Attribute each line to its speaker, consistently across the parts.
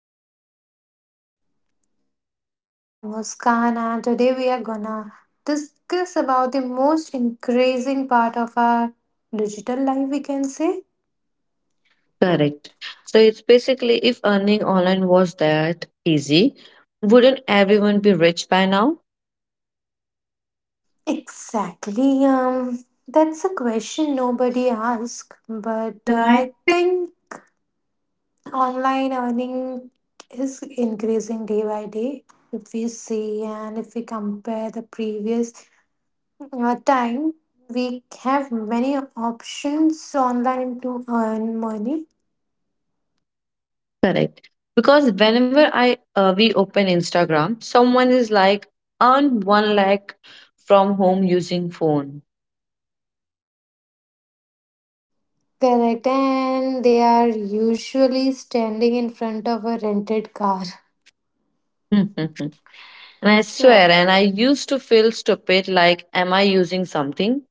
Speaker 1: Deepika.
Speaker 2: And I'm Muskan, and today we are gonna discuss about the most increasing part of our digital life, we can say.
Speaker 1: Correct. So it's basically if earning online was that easy, wouldn't everyone be rich by now?
Speaker 2: Exactly. That's a question nobody asks,
Speaker 1: Correct,
Speaker 2: but
Speaker 1: right?
Speaker 2: I think online earning is increasing day by day. If we see and if we compare the previous time, we have many options online to earn money.
Speaker 1: Correct. Because whenever I we open Instagram, someone is like earn one lakh from home using phone.
Speaker 2: Correct, and they are usually standing in front of a rented car.
Speaker 1: And I swear, and I used to feel stupid like, am I using something?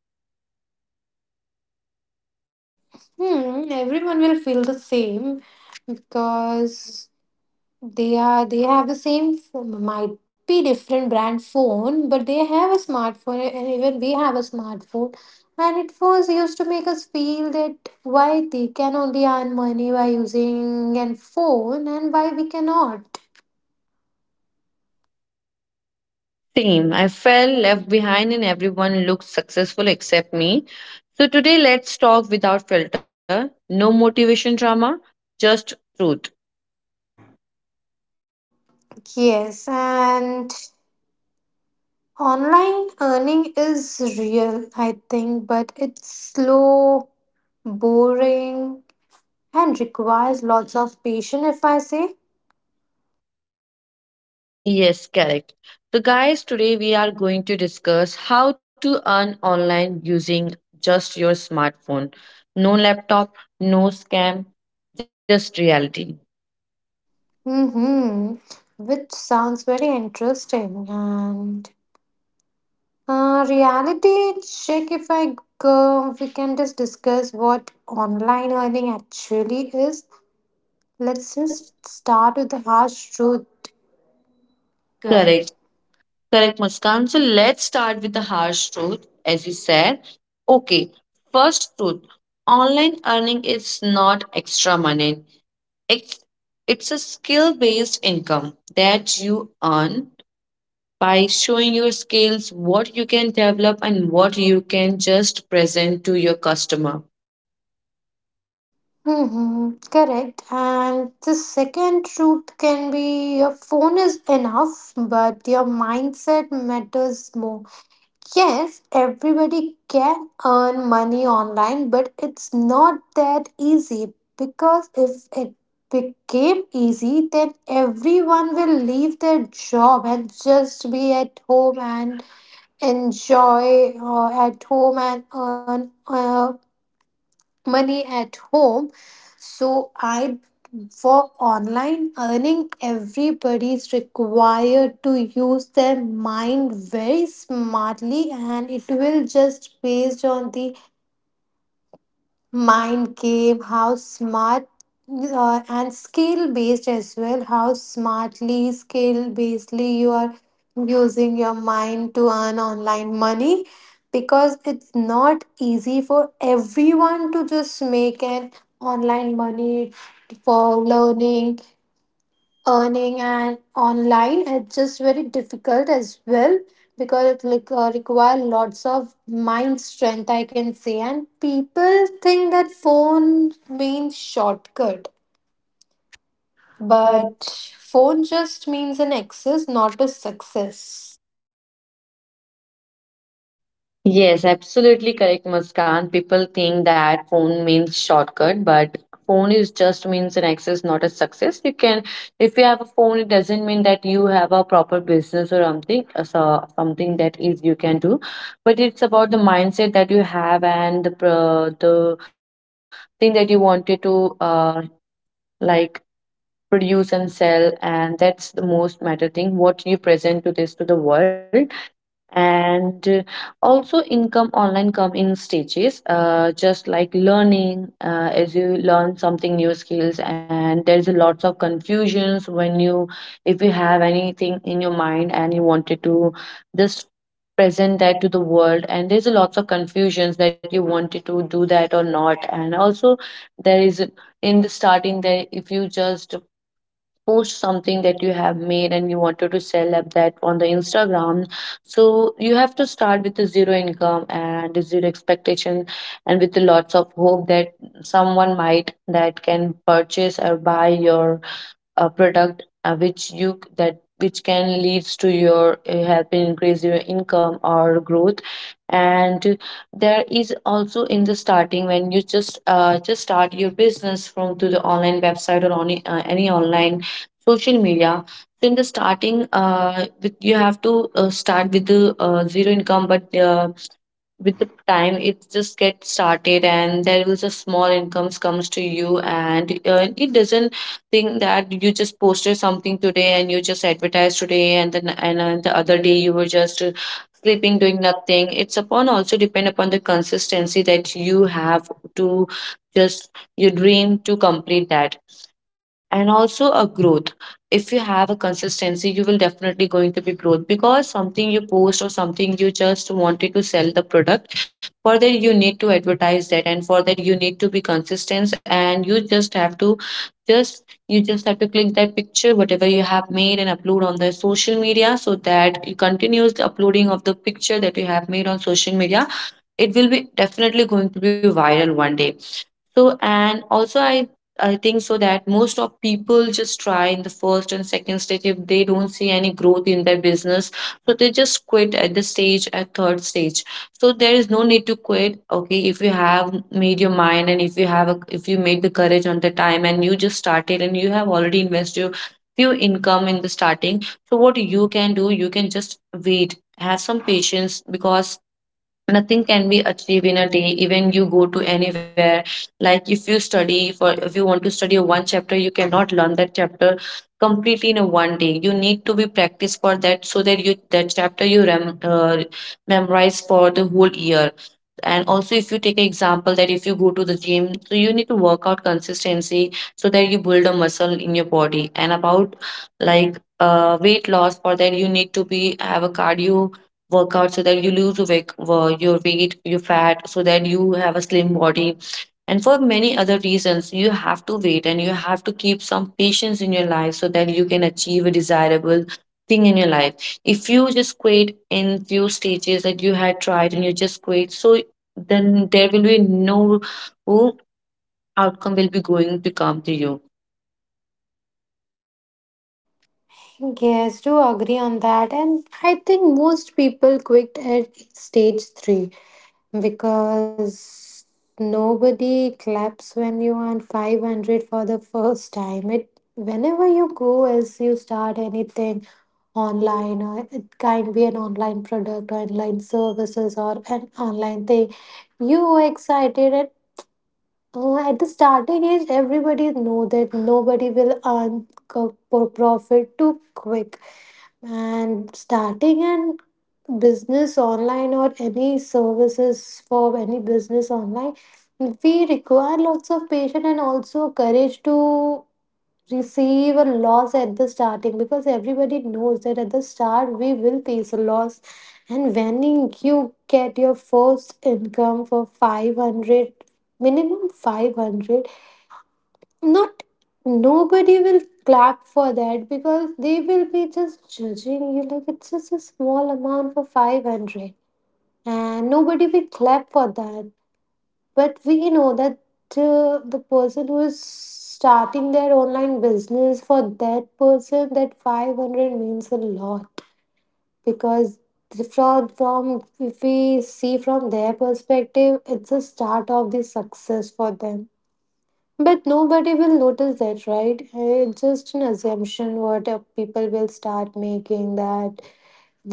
Speaker 2: Hmm, everyone will feel the same because they have the same phone. Might be different brand phone, but they have a smartphone, and even we have a smartphone. And it was used to make us feel that why they can only earn money by using an phone and why we cannot.
Speaker 1: Same. I felt left behind and everyone looked successful except me. So today let's talk without filter. No motivation drama, just truth.
Speaker 2: Yes, and online earning is real, I think, but it's slow, boring, and requires lots of patience, if I say.
Speaker 1: Yes, correct. So guys, today we are going to discuss how to earn online using just your smartphone. No laptop, no scam, just reality.
Speaker 2: Mm-hmm. Which sounds very interesting. And reality check, if I go, we can just discuss what online earning actually is. Let's
Speaker 1: Let's just
Speaker 2: just start with the harsh truth. Correct.
Speaker 1: correct. Correct, Muskan. So let's start with the harsh truth, as you said. Okay, first truth, online earning is not extra money, it's, it's a skill based income that you earn by showing your skills, what you can develop, and what you can just present to your customer.
Speaker 2: Mm-hmm, correct. And the second truth can be your phone is enough, but your mindset matters more. Yes, everybody can earn money online, but it's not that easy because if it became easy, then everyone will leave their job and just be at home and enjoy at home and earn money at home. So I For online earning, everybody's required to use their mind very smartly, and it will just based on the mind game how smart, and skill based as well, how smartly skill basedly you are using your mind to earn online money, because it's not easy for everyone to just make an online money for learning earning, and online it's just very difficult as well because it like require lots of mind strength, I can say. And people think that phone means shortcut,
Speaker 1: But
Speaker 2: but phone just means an access, not a success.
Speaker 1: yes, absolutely correct, Muskan. People think that phone means shortcut, but phone is just means an access, not a success. You can, if you have a phone, it doesn't mean that you have a proper business or something, so something that is you can do. But it's about the mindset that you have and the thing that you wanted to like produce and sell, and that's the most matter thing. What you present to this to the world and also income online come in stages just like learning as you learn something new skills, and there's a lots of confusions when you if you have anything in your mind and you wanted to just present that to the world, and there's a lots of confusions that you wanted to do that or not. And also there is a- in the starting there, if you just post something that you have made and you wanted to sell up that on the Instagram, so you have to start with a zero income and a zero expectation, and with the lots of hope that someone might that can purchase or buy your a product, which you that which can leads to your helping increase your income or growth. And there is also in the starting when you just start your business from to the online website or on any online social media. So in the starting with, you have to start with the zero income, but with the time it just gets started and there is a small incomes comes to you. And it doesn't think that you just posted something today and you just advertised today, and then the other day you were just sleeping doing nothing. It's upon also depend upon the consistency that you have to just your dream to complete that, and also a growth. If you have a consistency you will definitely going to be growth, because something you post or something you just wanted to sell the product, for that you need to advertise that, and for that you need to be consistent, and you just have to just you just have to click that picture whatever you have made and upload on the social media, so that you continuous uploading of the picture that you have made on social media, it will be definitely going to be viral one day. So and also I think so that most of people just try in the first and second stage if they don't see any growth in their business, so they just quit at the stage at third stage. So there is no need to quit. Okay, if you have made your mind and if you have a, if you made the courage on the time and you just started and you have already invested your few income in the starting, so what you can do, you can just wait. Have some patience, because nothing can be achieved in a day. Even you go to anywhere, like if you study for if you want to study a one chapter you cannot learn that chapter completely in a one day. You need to be practice for that so that you that chapter you memorize for the whole year. And also if you take an example that if you go to the gym, so you need to work out consistency so that you build a muscle in your body. And about like weight loss, for that you need to be have a cardio workout so that you lose weight, your fat, so that you have a slim body. And for many other reasons, you have to wait and you have to keep some patience in your life, so that you can achieve a desirable thing in your life. If you just quit in few stages that you had tried and you just quit, so then there will be no oh, outcome will be going to come to you.
Speaker 2: Yes, do agree on that. And I think most people quit at stage 3, because nobody claps when you earn 500 for the first time. It Whenever you go, as you start anything online, or it can be an online product, online services, or an online thing, you are excited. And at the starting age, everybody know that nobody will earn profit too quick, and starting an business online or any services for any business online, we require lots of patience and also courage to receive a loss at the starting, because everybody knows that at the start we will face a loss. And when you get your first income for 500, minimum 500, not nobody will clap for that, because they will be just judging you, like, it's just a small amount for 500, and nobody will clap for that. But we know that, the person who is starting their online business, for that person that 500 means a lot, because from if we see from their perspective, it's a start of the success for them, but nobody will notice that, right? It's just an assumption, what people will start making, that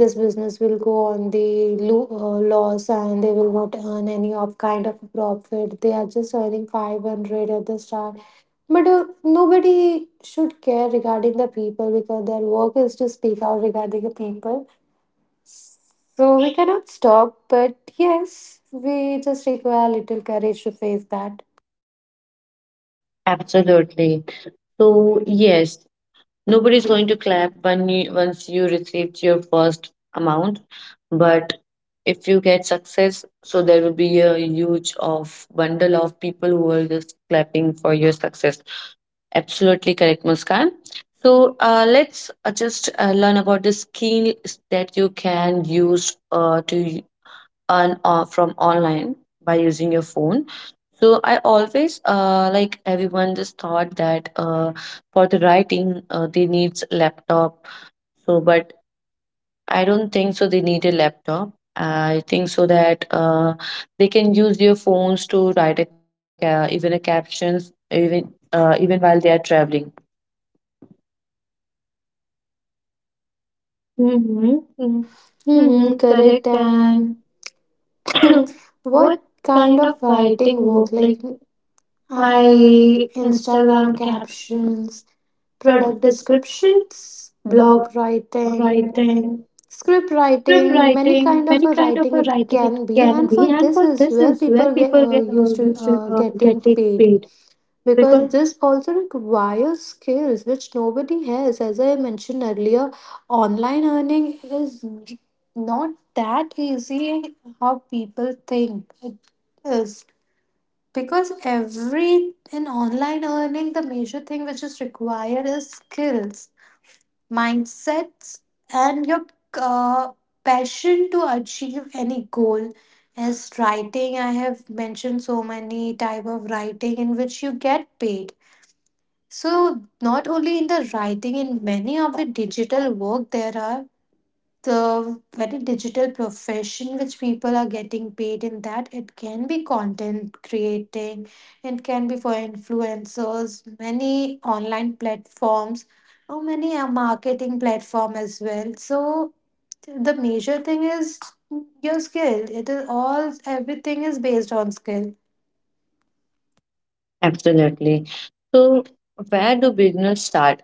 Speaker 2: this business will go on the loss, and they will not earn any of kind of profit, they are just earning 500 at the start. But nobody should care regarding the people, because their work is to speak out regarding the people, so we cannot stop, but yes, we just require little courage to face that.
Speaker 1: Absolutely. So yes, nobody's going to clap when you, once you received your first amount, but if you get success, so there will be a huge of bundle of people who are just clapping for your success. Absolutely correct, Muskan. So let's just learn about the skills that you can use to earn from online by using your phone. So I always like everyone just thought that for the writing they needs laptop. So but I don't think so they need a laptop. I think so that they can use their phones to write even a captions even even while they are traveling.
Speaker 2: Mm.
Speaker 1: Mm-hmm. Mm-hmm.
Speaker 2: Mm-hmm, correct.
Speaker 1: Correct.
Speaker 2: And
Speaker 1: And
Speaker 2: what
Speaker 1: what
Speaker 2: kind
Speaker 1: kind
Speaker 2: of
Speaker 1: of
Speaker 2: fighting
Speaker 1: writing
Speaker 2: work,
Speaker 1: work? Like
Speaker 2: like, I
Speaker 1: I
Speaker 2: Instagram
Speaker 1: Instagram
Speaker 2: captions,
Speaker 1: captions,
Speaker 2: product
Speaker 1: product descriptions,
Speaker 2: descriptions,
Speaker 1: blog
Speaker 2: blog writing,
Speaker 1: writing,
Speaker 2: script
Speaker 1: script writing,
Speaker 2: writing,
Speaker 1: many
Speaker 2: many
Speaker 1: kind
Speaker 2: kind of
Speaker 1: of a
Speaker 2: a
Speaker 1: writing
Speaker 2: writing it
Speaker 1: it
Speaker 2: can
Speaker 1: can
Speaker 2: be,
Speaker 1: be.
Speaker 2: and
Speaker 1: And for
Speaker 2: for
Speaker 1: this
Speaker 2: this
Speaker 1: is
Speaker 2: as well,
Speaker 1: where people
Speaker 2: people get
Speaker 1: get used
Speaker 2: used
Speaker 1: to
Speaker 2: to getting
Speaker 1: getting
Speaker 2: paid,
Speaker 1: paid because
Speaker 2: because this also requires skills which nobody has. As I mentioned earlier, online earning is not that easy how people think it is, because every in online earning, the major thing which is required is skills, mindsets, and your uh, passion to achieve any goal. As writing, I have mentioned so many type of writing in which you get paid. So not only in the writing, in many of the digital work there are the very digital profession which people are getting paid in, that it can be content creating, it can be for influencers, many online platforms, or many marketing platform as well. So the major thing is your skill. It is all, everything is based on skill.
Speaker 1: absolutely. So, where do beginners start?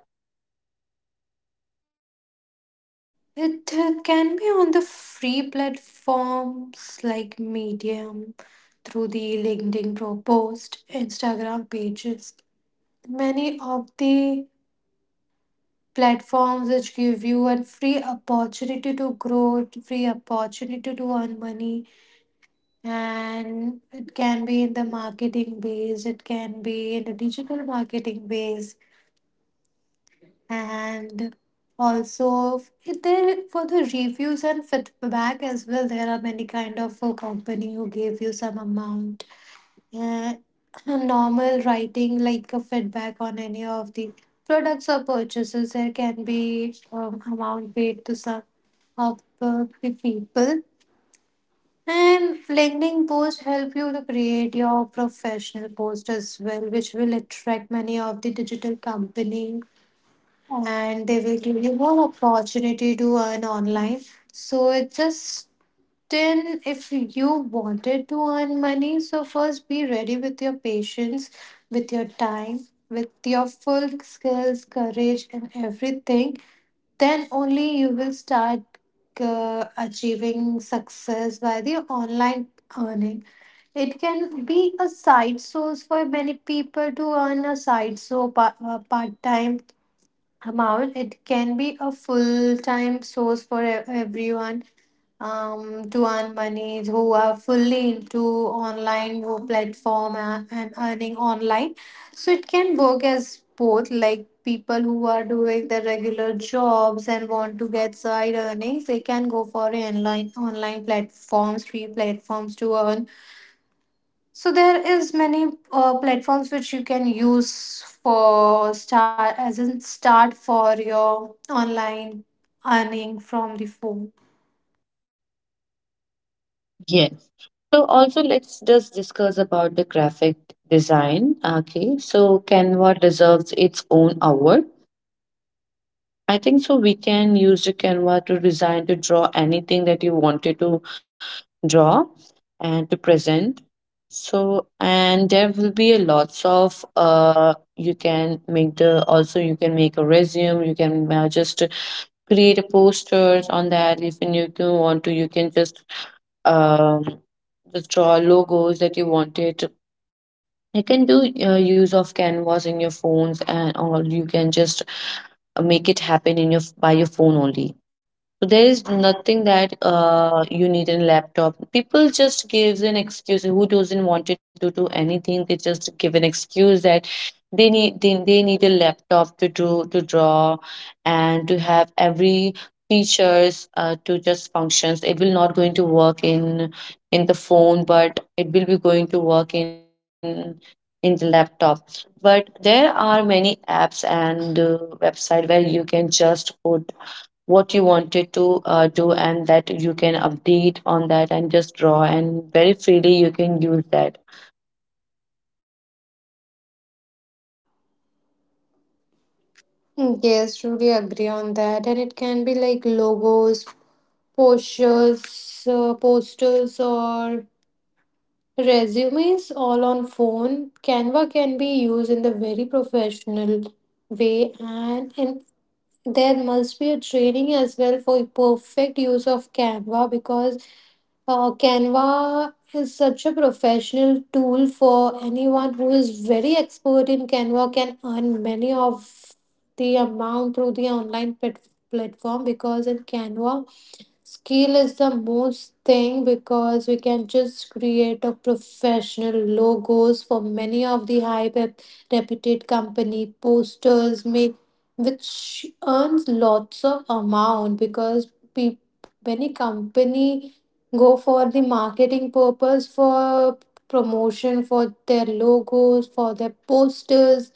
Speaker 2: It can be on the free platforms like Medium, through the LinkedIn pro post, Instagram pages. Many of the platforms which give you a free opportunity to grow, free opportunity to earn money, and it can be in the marketing base, it can be in the digital marketing base, and also there for the reviews and feedback as well. There are many kind of company who gave you some amount, uh, a normal writing like a feedback on any of the products or purchases, there can be amount paid to some of the people. And LinkedIn post help you to create your professional post as well, which will attract many of the digital company, and they will give you more opportunity to earn online. So it just, then if you wanted to earn money, so first be ready with your patience, with your time, with your full skills, courage and everything, then only you will start achieving success by the online earning. It can be a side source for many people to earn a side, so part time amount. It can be a full time source for everyone, to earn money, who are fully into online platform, and earning online. So it can work as both, like people who are doing the regular jobs and want to get side earnings, they can go for online platforms, free platforms to earn. So there is many platforms which you can use for start, as in start for your online earning from the phone.
Speaker 1: Yes. So, also let's just discuss about the graphic design. Okay. So, Canva deserves its own award. I think so. We can use the Canva to design to draw anything that you wanted to draw and to present. So and there will be a lots of you can make the also you can make a resume, you can just create a posters on that if you can want to. You can um just draw logos that you wanted, you can do use of canvas in your phones, and or you can just make it happen in your by your phone only. So there is nothing that you need in laptop. People just gives an excuse who doesn't wanted to do anything. They just give an excuse that they need a laptop to do to draw and to have every features to just functions. It will not going to work in the phone, but it will be going to work in the laptop. But there are many apps and website where you can just put what you wanted to do, and that you can update on that and just draw, and very freely you can use that.
Speaker 2: Yes, truly agree on that. And it can be like logos, posters, or resumes, all on phone. Canva can be used in the very professional way, and in there must be a training as well for perfect use of Canva, because Canva is such a professional tool. For anyone who is very expert in Canva can earn many of the amount through the online platform, because in Canva, skill is the most thing, because we can just create a professional logos for many of the high reputed company, posters make, which earns lots of amount, because many company go for the marketing purpose, for promotion, for their logos, for their posters.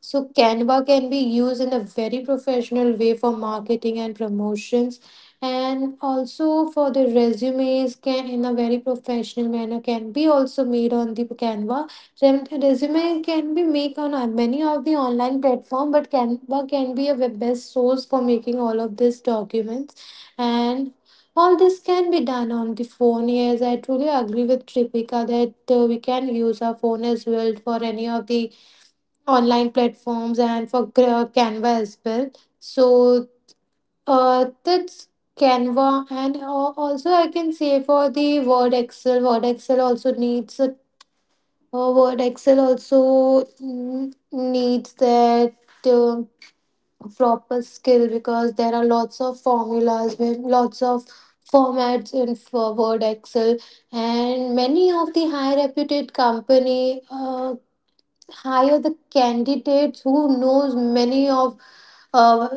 Speaker 2: So Canva can be used in a very professional way for marketing and promotions, and also for the resumes can in a very professional manner can be also made on the Canva. Resume can be made on many of the online platform, but Canva can be a web best source for making all of these documents, and all this can be done on the phone. Yes, I truly agree with Tripika that we can use our phone as well for any of the online platforms, and for Canva as well. So that's Canva. And also I can say for the Word Excel, also needs a Word Excel also needs that uh, proper skill, because there are lots of formulas, with lots of formats in for Word Excel, and many of the high reputed company hire the candidates who knows many of uh,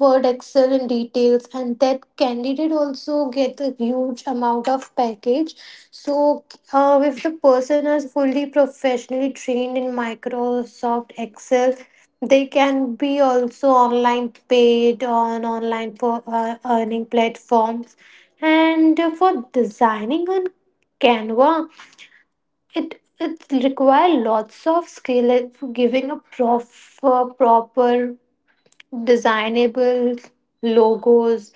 Speaker 2: Word Excel and details, and that candidate also gets a huge amount of package. So if the person is fully professionally trained in Microsoft Excel, they can be also online paid on online for earning platforms. And for designing on Canva, it require lots of skill in giving a proper designable logos.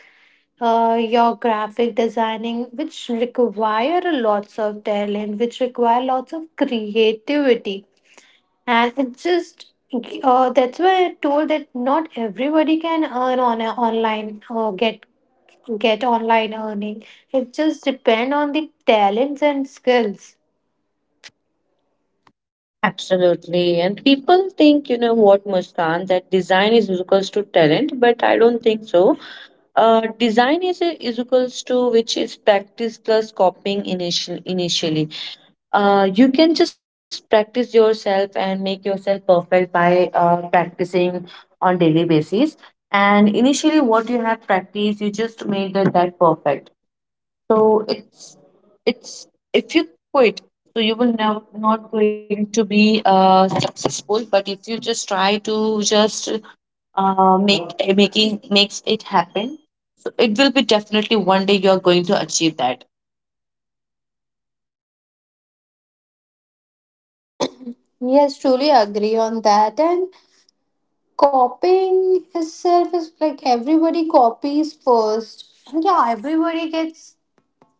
Speaker 2: Your graphic designing, which require a lots of talent, which require lots of creativity, and it just that's why I told that not everybody can earn on a online, get online earning. It just depend on the talents and skills.
Speaker 1: Absolutely. And people think, you know what, Muskan, that design is equals to talent, but I don't think so. Design is equals to which is practice plus copying initially. You can just practice yourself and make yourself perfect by practicing on daily basis, and initially what you have practiced you just made the, that perfect. So it's if you quit, so you will now not going to be successful. But if you just try to just make making makes it happen, so it will be definitely one day you are going to achieve that.
Speaker 2: Yes, truly agree on that. And copying itself is like, everybody copies first. And yeah, everybody gets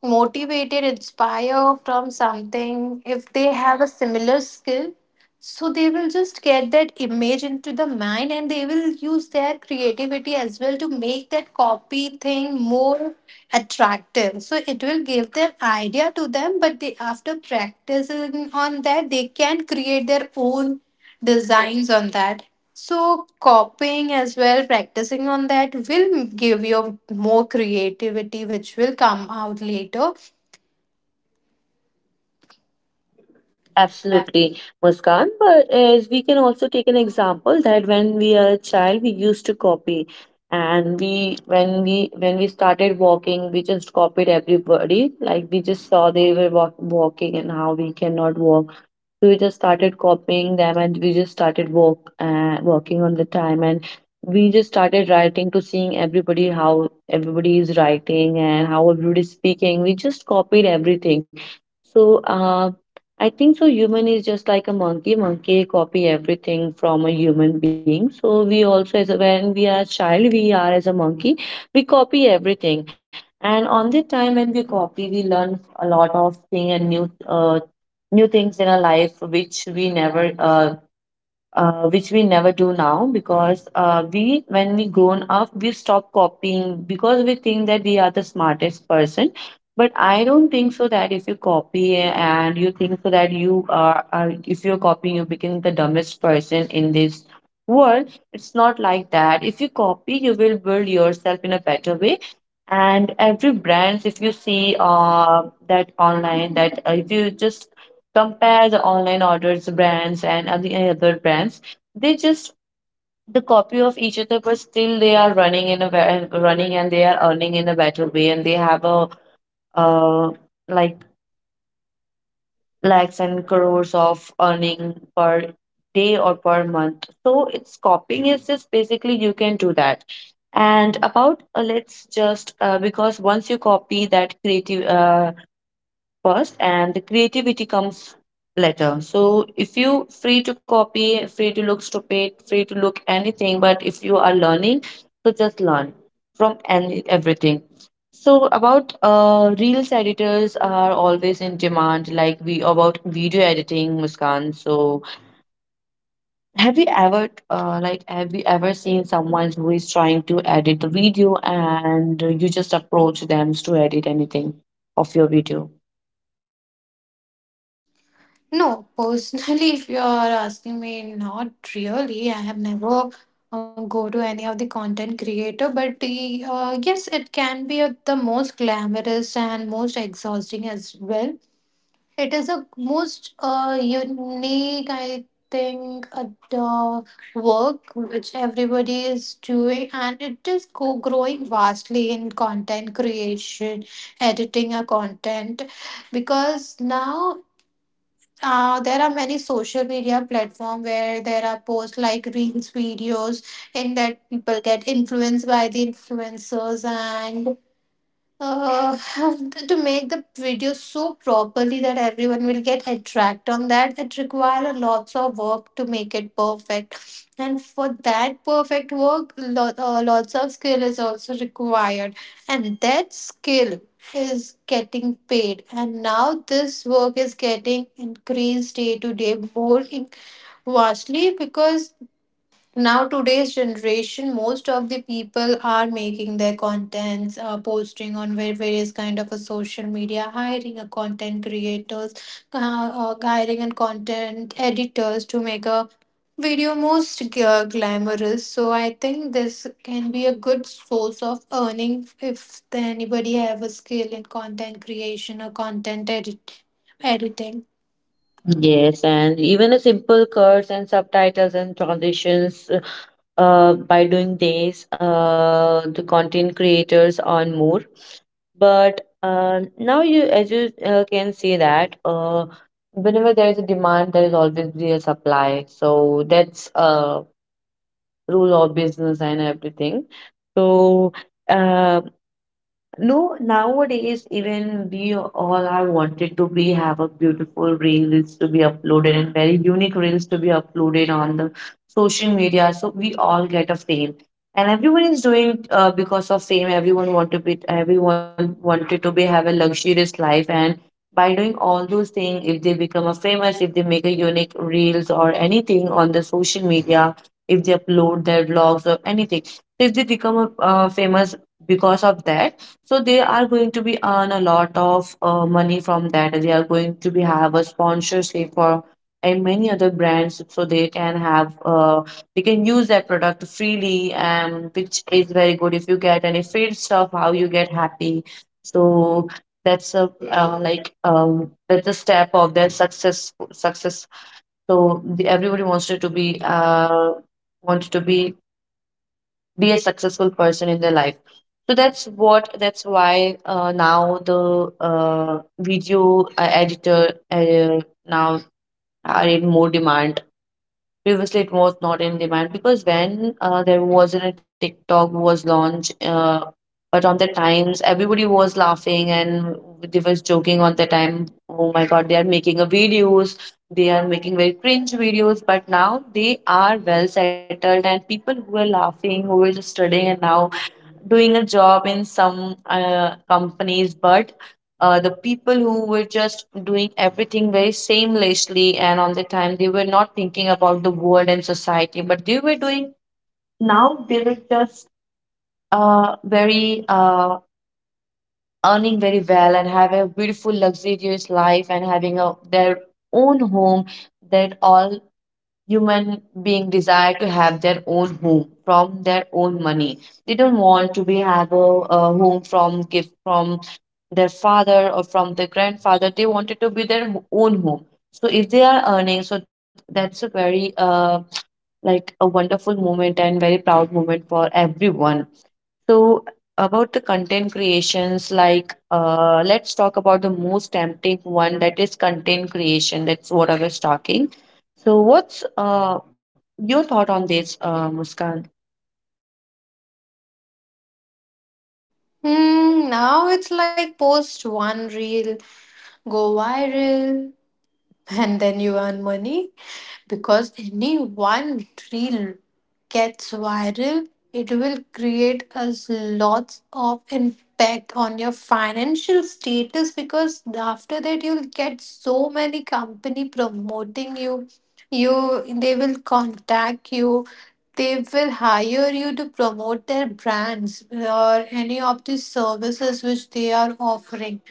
Speaker 2: motivated, inspired from something if they have a similar skill. So they will just get that image into the mind, and they will use their creativity as well to make that copy thing more attractive. So it will give them idea to them, but they, after practicing on that, they can create their own designs on that. So copying as well, practicing on that, will give you more creativity which will come out later.
Speaker 1: Absolutely, Muskan. But as we can also take an example that when we are a child, we used to copy, and we when we when we started walking, we just copied everybody. Like we just saw they were walking and how we cannot walk. So we just started copying them, and we just started working on the time. And we just started writing to seeing everybody how everybody is writing and how everybody is speaking. We just copied everything. So I think so human is just like a monkey. Monkey copy everything from a human being. So we also as a, when we are child, we are as a monkey. We copy everything. And on the time when we copy, we learn a lot of thing and new new things in our life which we never do now because we when we grown up we stop copying because we think that we are the smartest person, but I don't think so that if you copy and you think so that you are if you're copying you become the dumbest person in this world. It's not like that. If you copy you will build yourself in a better way. And every brands, if you see that online, that if you just compare the online orders brands and other brands, they just the copy of each other, but still they are running in a running and they are earning in a better way and they have a uh like lakhs and crores of earning per day or per month. So it's copying is just basically you can do that. And about let's just because once you copy that creative first and the creativity comes later. So if you free to copy, free to look stupid, free to look anything, but if you are learning, so just learn from any everything. So about reels editors are always in demand, like we about video editing, Muskan. So have you ever like have you ever seen someone who is trying to edit the video and you just approach them to edit anything of your video?
Speaker 2: No, personally, if you're asking me, not really. I have never go to any of the content creator, but yes, it can be the most glamorous and most exhausting as well. It is a most unique, I think, the work which everybody is doing, and it is go growing vastly in content creation, editing a content because now there are many social media platform where there are posts like reels videos in that people get influenced by the influencers and uh, to make the video so properly that everyone will get attract on that, it requires lots of work to make it perfect, and for that perfect work lots of skill is also required, and that skill is getting paid, and now this work is getting increased day to day more in vastly because now today's generation most of the people are making their contents, posting on various kind of a social media, hiring a content creators, uh, hiring and content editors to make a video most glamorous. So I think this can be a good source of earning if anybody have a skill in content creation or editing.
Speaker 1: Yes, and even a simple curse and subtitles and transitions, by doing this, the content creators earn more. But now you, as you can see that, whenever there is a demand, there is always be a supply. So that's a rule of business and everything. So. Uh, no, nowadays even we all are wanted to be have a beautiful reels to be uploaded and very unique reels to be uploaded on the social media. So we all get a fame, and everyone is doing because of fame. Everyone wanted to be have a luxurious life, and by doing all those things, if they become a famous, if they make a unique reels or anything on the social media, if they upload their vlogs or anything, so if they become a famous because of that, so they are going to be earn a lot of money from that. They are going to be have a sponsorship for and many other brands, so they can have they can use that product freely, and which is very good. If you get any free stuff, how you get happy, so that's a that's a step of their success. So the, everybody wants it to be wanted to be a successful person in their life, so that's why now the video editor now are in more demand. Previously it was not in demand because when there wasn't a TikTok was launched, but on the times everybody was laughing and they was joking on the time, oh my god, they are making a videos, they are making very cringe videos, but now they are well settled. And people who are laughing who are just studying and now doing a job in some companies, but the people who were just doing everything very seamlessly and on the time they were not thinking about the world and society but they were doing, now they were just very earning very well and have a beautiful luxurious life and having a, their own home. That all human being desire to have their own home from their own money. They don't want to be have a home from gift from their father or from their grandfather. They want it to be their own home. So if they are earning, so that's a very like a wonderful moment and very proud moment for everyone. So, about the content creations, like let's talk about the most tempting one, that is content creation. That's what I was talking. So, what's your thought on this, Muskan?
Speaker 2: Hmm, now it's like post one reel, go viral, and then you earn money because any one reel gets viral, it will create us lots of impact on your financial status because after that you'll get so many company promoting you. you they will contact you, they will hire you to promote their brands or any of the services which they are offering.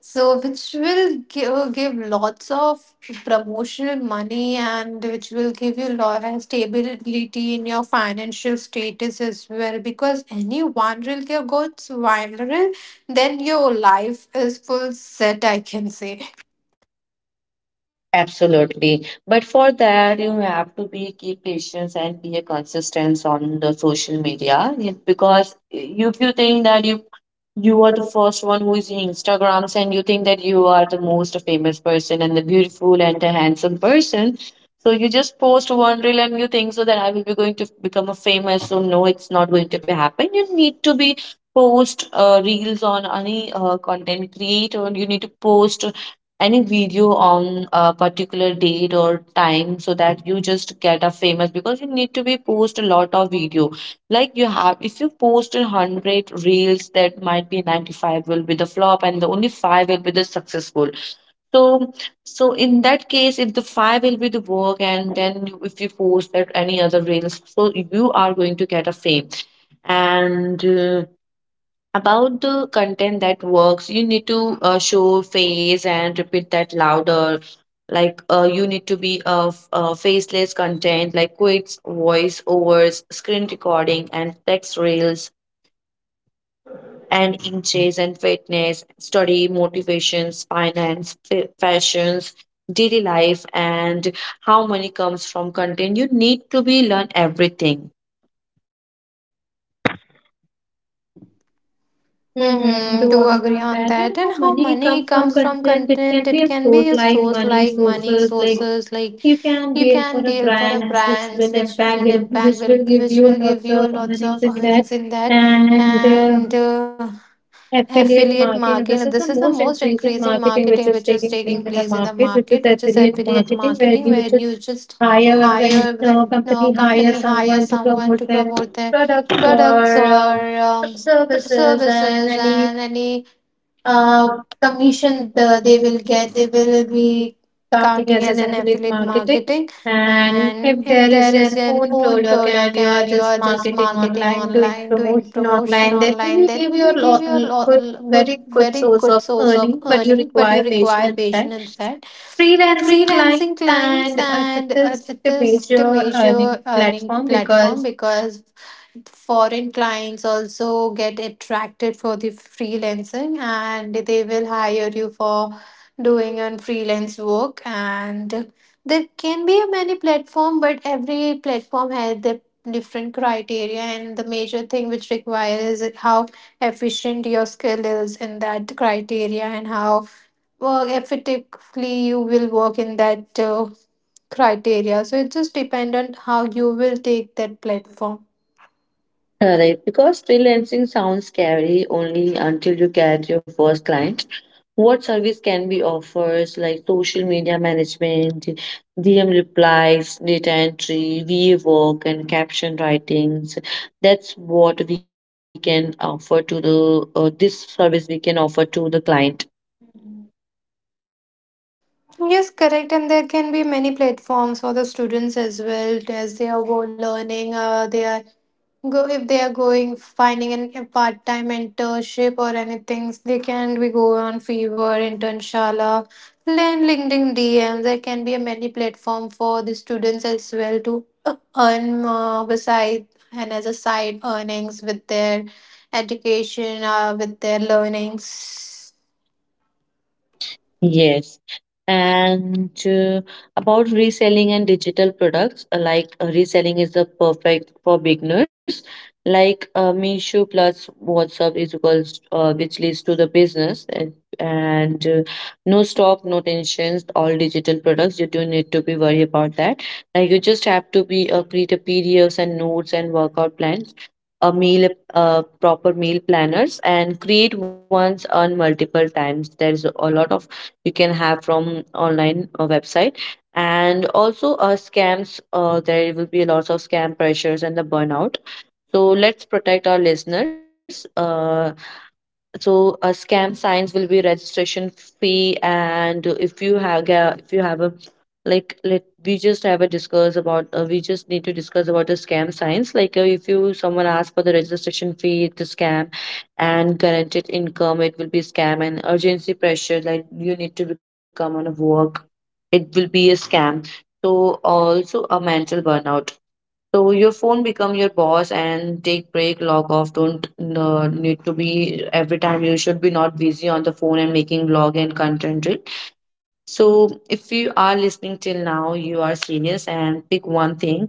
Speaker 2: So, which will give lots of promotional money and which will give you lot of stability in your financial status as well. Because any one reel goes viral, then your life is full set, I can say.
Speaker 1: Absolutely. But for that, you have to be keep patience and be a consistent on the social media. Because if you think that you are the first one who is in Instagrams and you think that you are the most famous person and the beautiful and the handsome person, so you just post one reel and you think so that I will be going to become a famous. So no, it's not going to be happen. You need to be post reels on any content creator. You need to post any video on a particular date or time so that you just get a famous, because you need to be post a lot of video. Like you have, if you post a 100 reels, that might be 95 will be the flop and the only 5 will be the successful. So so in that case if the 5 will be the work and then if you post that any other reels, so you are going to get a fame. And about the content that works, you need to show face and repeat that louder. Like you need to be of faceless content like quits, voice overs, screen recording, and text reels, and inches and fitness, study, motivations, finance, fashions, daily life, and how money comes from content. You need to be learn everything. Mm-hmm.
Speaker 2: Mm-hmm,
Speaker 1: Do
Speaker 2: do agree
Speaker 1: agree on
Speaker 2: on
Speaker 1: that.
Speaker 2: that.
Speaker 1: And
Speaker 2: And how
Speaker 1: how
Speaker 2: money
Speaker 1: money comes
Speaker 2: comes
Speaker 1: from
Speaker 2: from content,
Speaker 1: content, it
Speaker 2: it
Speaker 1: can
Speaker 2: can be
Speaker 1: be
Speaker 2: a
Speaker 1: a source
Speaker 2: source like
Speaker 1: like money
Speaker 2: money
Speaker 1: sources,
Speaker 2: sources,
Speaker 1: like
Speaker 2: like
Speaker 1: you
Speaker 2: you
Speaker 1: can
Speaker 2: can deal
Speaker 1: deal
Speaker 2: for
Speaker 1: for a
Speaker 2: a
Speaker 1: brand
Speaker 2: brands
Speaker 1: which
Speaker 2: which
Speaker 1: will
Speaker 2: will impact
Speaker 1: impact, it,
Speaker 2: will which
Speaker 1: which
Speaker 2: will
Speaker 1: will
Speaker 2: give
Speaker 1: give
Speaker 2: you
Speaker 1: you
Speaker 2: a lots
Speaker 1: lots of
Speaker 2: of earnings
Speaker 1: earnings in
Speaker 2: in
Speaker 1: that.
Speaker 2: that. And
Speaker 1: And affiliate
Speaker 2: affiliate
Speaker 1: marketing. This is
Speaker 2: marketing,
Speaker 1: the
Speaker 2: this is
Speaker 1: most
Speaker 2: the most
Speaker 1: increasing
Speaker 2: increasing
Speaker 1: marketing which is
Speaker 2: marketing
Speaker 1: taking
Speaker 2: which is
Speaker 1: place in the
Speaker 2: taking place in
Speaker 1: market,
Speaker 2: the
Speaker 1: which is
Speaker 2: market, which is
Speaker 1: affiliate
Speaker 2: affiliate
Speaker 1: marketing, where you
Speaker 2: marketing, where
Speaker 1: just
Speaker 2: you just
Speaker 1: hire when
Speaker 2: hire
Speaker 1: a
Speaker 2: when
Speaker 1: company hires
Speaker 2: company
Speaker 1: someone
Speaker 2: hires
Speaker 1: to
Speaker 2: someone
Speaker 1: promote
Speaker 2: to
Speaker 1: their
Speaker 2: promote their
Speaker 1: product
Speaker 2: products
Speaker 1: or
Speaker 2: or
Speaker 1: services and
Speaker 2: services
Speaker 1: any
Speaker 2: and any
Speaker 1: uh,
Speaker 2: uh,
Speaker 1: commission the, they
Speaker 2: commission
Speaker 1: will
Speaker 2: they
Speaker 1: get,
Speaker 2: will
Speaker 1: they
Speaker 2: get,
Speaker 1: will
Speaker 2: they
Speaker 1: be
Speaker 2: will be
Speaker 1: counting as an
Speaker 2: counting as
Speaker 1: affiliate
Speaker 2: an affiliate
Speaker 1: marketing.
Speaker 2: marketing.
Speaker 1: And if
Speaker 2: And
Speaker 1: there is
Speaker 2: if there
Speaker 1: an
Speaker 2: is
Speaker 1: own
Speaker 2: an own
Speaker 1: product and you
Speaker 2: product
Speaker 1: are
Speaker 2: and you
Speaker 1: just
Speaker 2: are just
Speaker 1: marketing
Speaker 2: marketing
Speaker 1: online, doing
Speaker 2: online, doing
Speaker 1: promotion
Speaker 2: promotion online,
Speaker 1: online,
Speaker 2: that
Speaker 1: that
Speaker 2: will
Speaker 1: will
Speaker 2: be give
Speaker 1: give you
Speaker 2: you a
Speaker 1: a lot, good,
Speaker 2: good,
Speaker 1: very
Speaker 2: very
Speaker 1: good
Speaker 2: good
Speaker 1: source
Speaker 2: source
Speaker 1: of
Speaker 2: of
Speaker 1: earning,
Speaker 2: earning,
Speaker 1: but you
Speaker 2: but you
Speaker 1: require
Speaker 2: require
Speaker 1: patience in
Speaker 2: patience
Speaker 1: that.
Speaker 2: in that.
Speaker 1: Freelancing
Speaker 2: Freelancing
Speaker 1: clients,
Speaker 2: clients,
Speaker 1: and it
Speaker 2: and
Speaker 1: is
Speaker 2: it
Speaker 1: the
Speaker 2: is the
Speaker 1: major earning
Speaker 2: major earning
Speaker 1: platform
Speaker 2: platform
Speaker 1: because
Speaker 2: because foreign clients also get attracted for the freelancing and they will hire you for doing on freelance work. And there can be a many platform, but every platform has their different criteria, and the major thing which requires is how efficient your skill is in that criteria and how well, effectively you will work in that criteria. So it just depends on how you will take that platform.
Speaker 1: correct, because freelancing sounds scary only until you get your first client. What service can be offers like social media management, DM replies, data entry, VA work, and caption writings? That's what we can offer to the this service we can offer to the client.
Speaker 2: Yes, correct. And there can be many platforms for the students as well as they are go learning. They are go if they are going finding a part time internship or anything. They can be go on Fiverr, Internshala, then LinkedIn DM. There can be a many platform for the students as well to earn beside and as a side earnings with their education, with their learnings.
Speaker 1: Yes. And about reselling and digital products, like reselling is the perfect for beginners. Like Meesho plus WhatsApp is equals, which leads to the business and no stock, no tensions, all digital products. You don't need to be worried about that. Like you just have to be create a PDFs and notes and workout plans, a meal, proper meal planners, and create once on multiple times. There's a lot of you can have from online website. And also scams, there will be lots of scam pressures and the burnout, so let's protect our listeners. So a scam signs will be registration fee. And if you have a, if you have a like, let we just have a discuss about we just need to discuss about the scam signs. Like if you someone asks for the registration fee, it's a scam. And guaranteed income, it will be scam. And urgency pressure, like you need to become on a work, it will be a scam. So also a mental burnout, so your phone become your boss and take break, log off. Don't need to be every time you should be not busy on the phone and making log and content. Reel. So if you are listening till now, you are serious and pick one thing.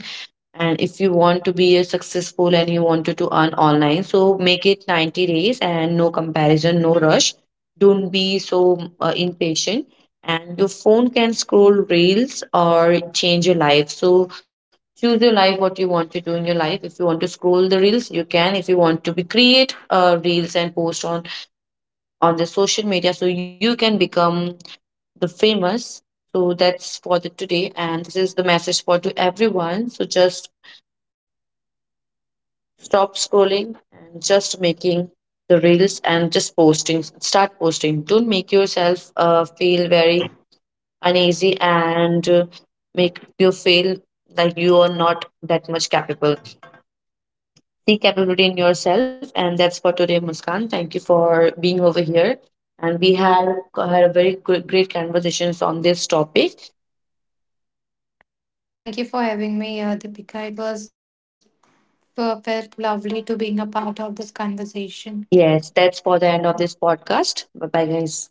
Speaker 1: And if you want to be a successful and you wanted to earn online, so make it 90 days and no comparison, no rush. Don't be so impatient. And your phone can scroll reels or change your life. So choose your life, what you want to do in your life. If you want to scroll the reels, you can. If you want to be create reels and post on the social media, so you can become the famous. So that's for the today, and this is the message for to everyone. So just stop scrolling and just making the reels and just posting. Start posting. Don't make yourself feel very uneasy and make you feel like you are not that much capable. See capability in yourself, and that's for today, Muskan. Thank you for being over here. And we have had a very good, great conversations on this topic.
Speaker 2: Thank you for having me, Deepika. It was so felt lovely to being a part of this conversation.
Speaker 1: Yes, that's for the end of this podcast. Bye bye, guys.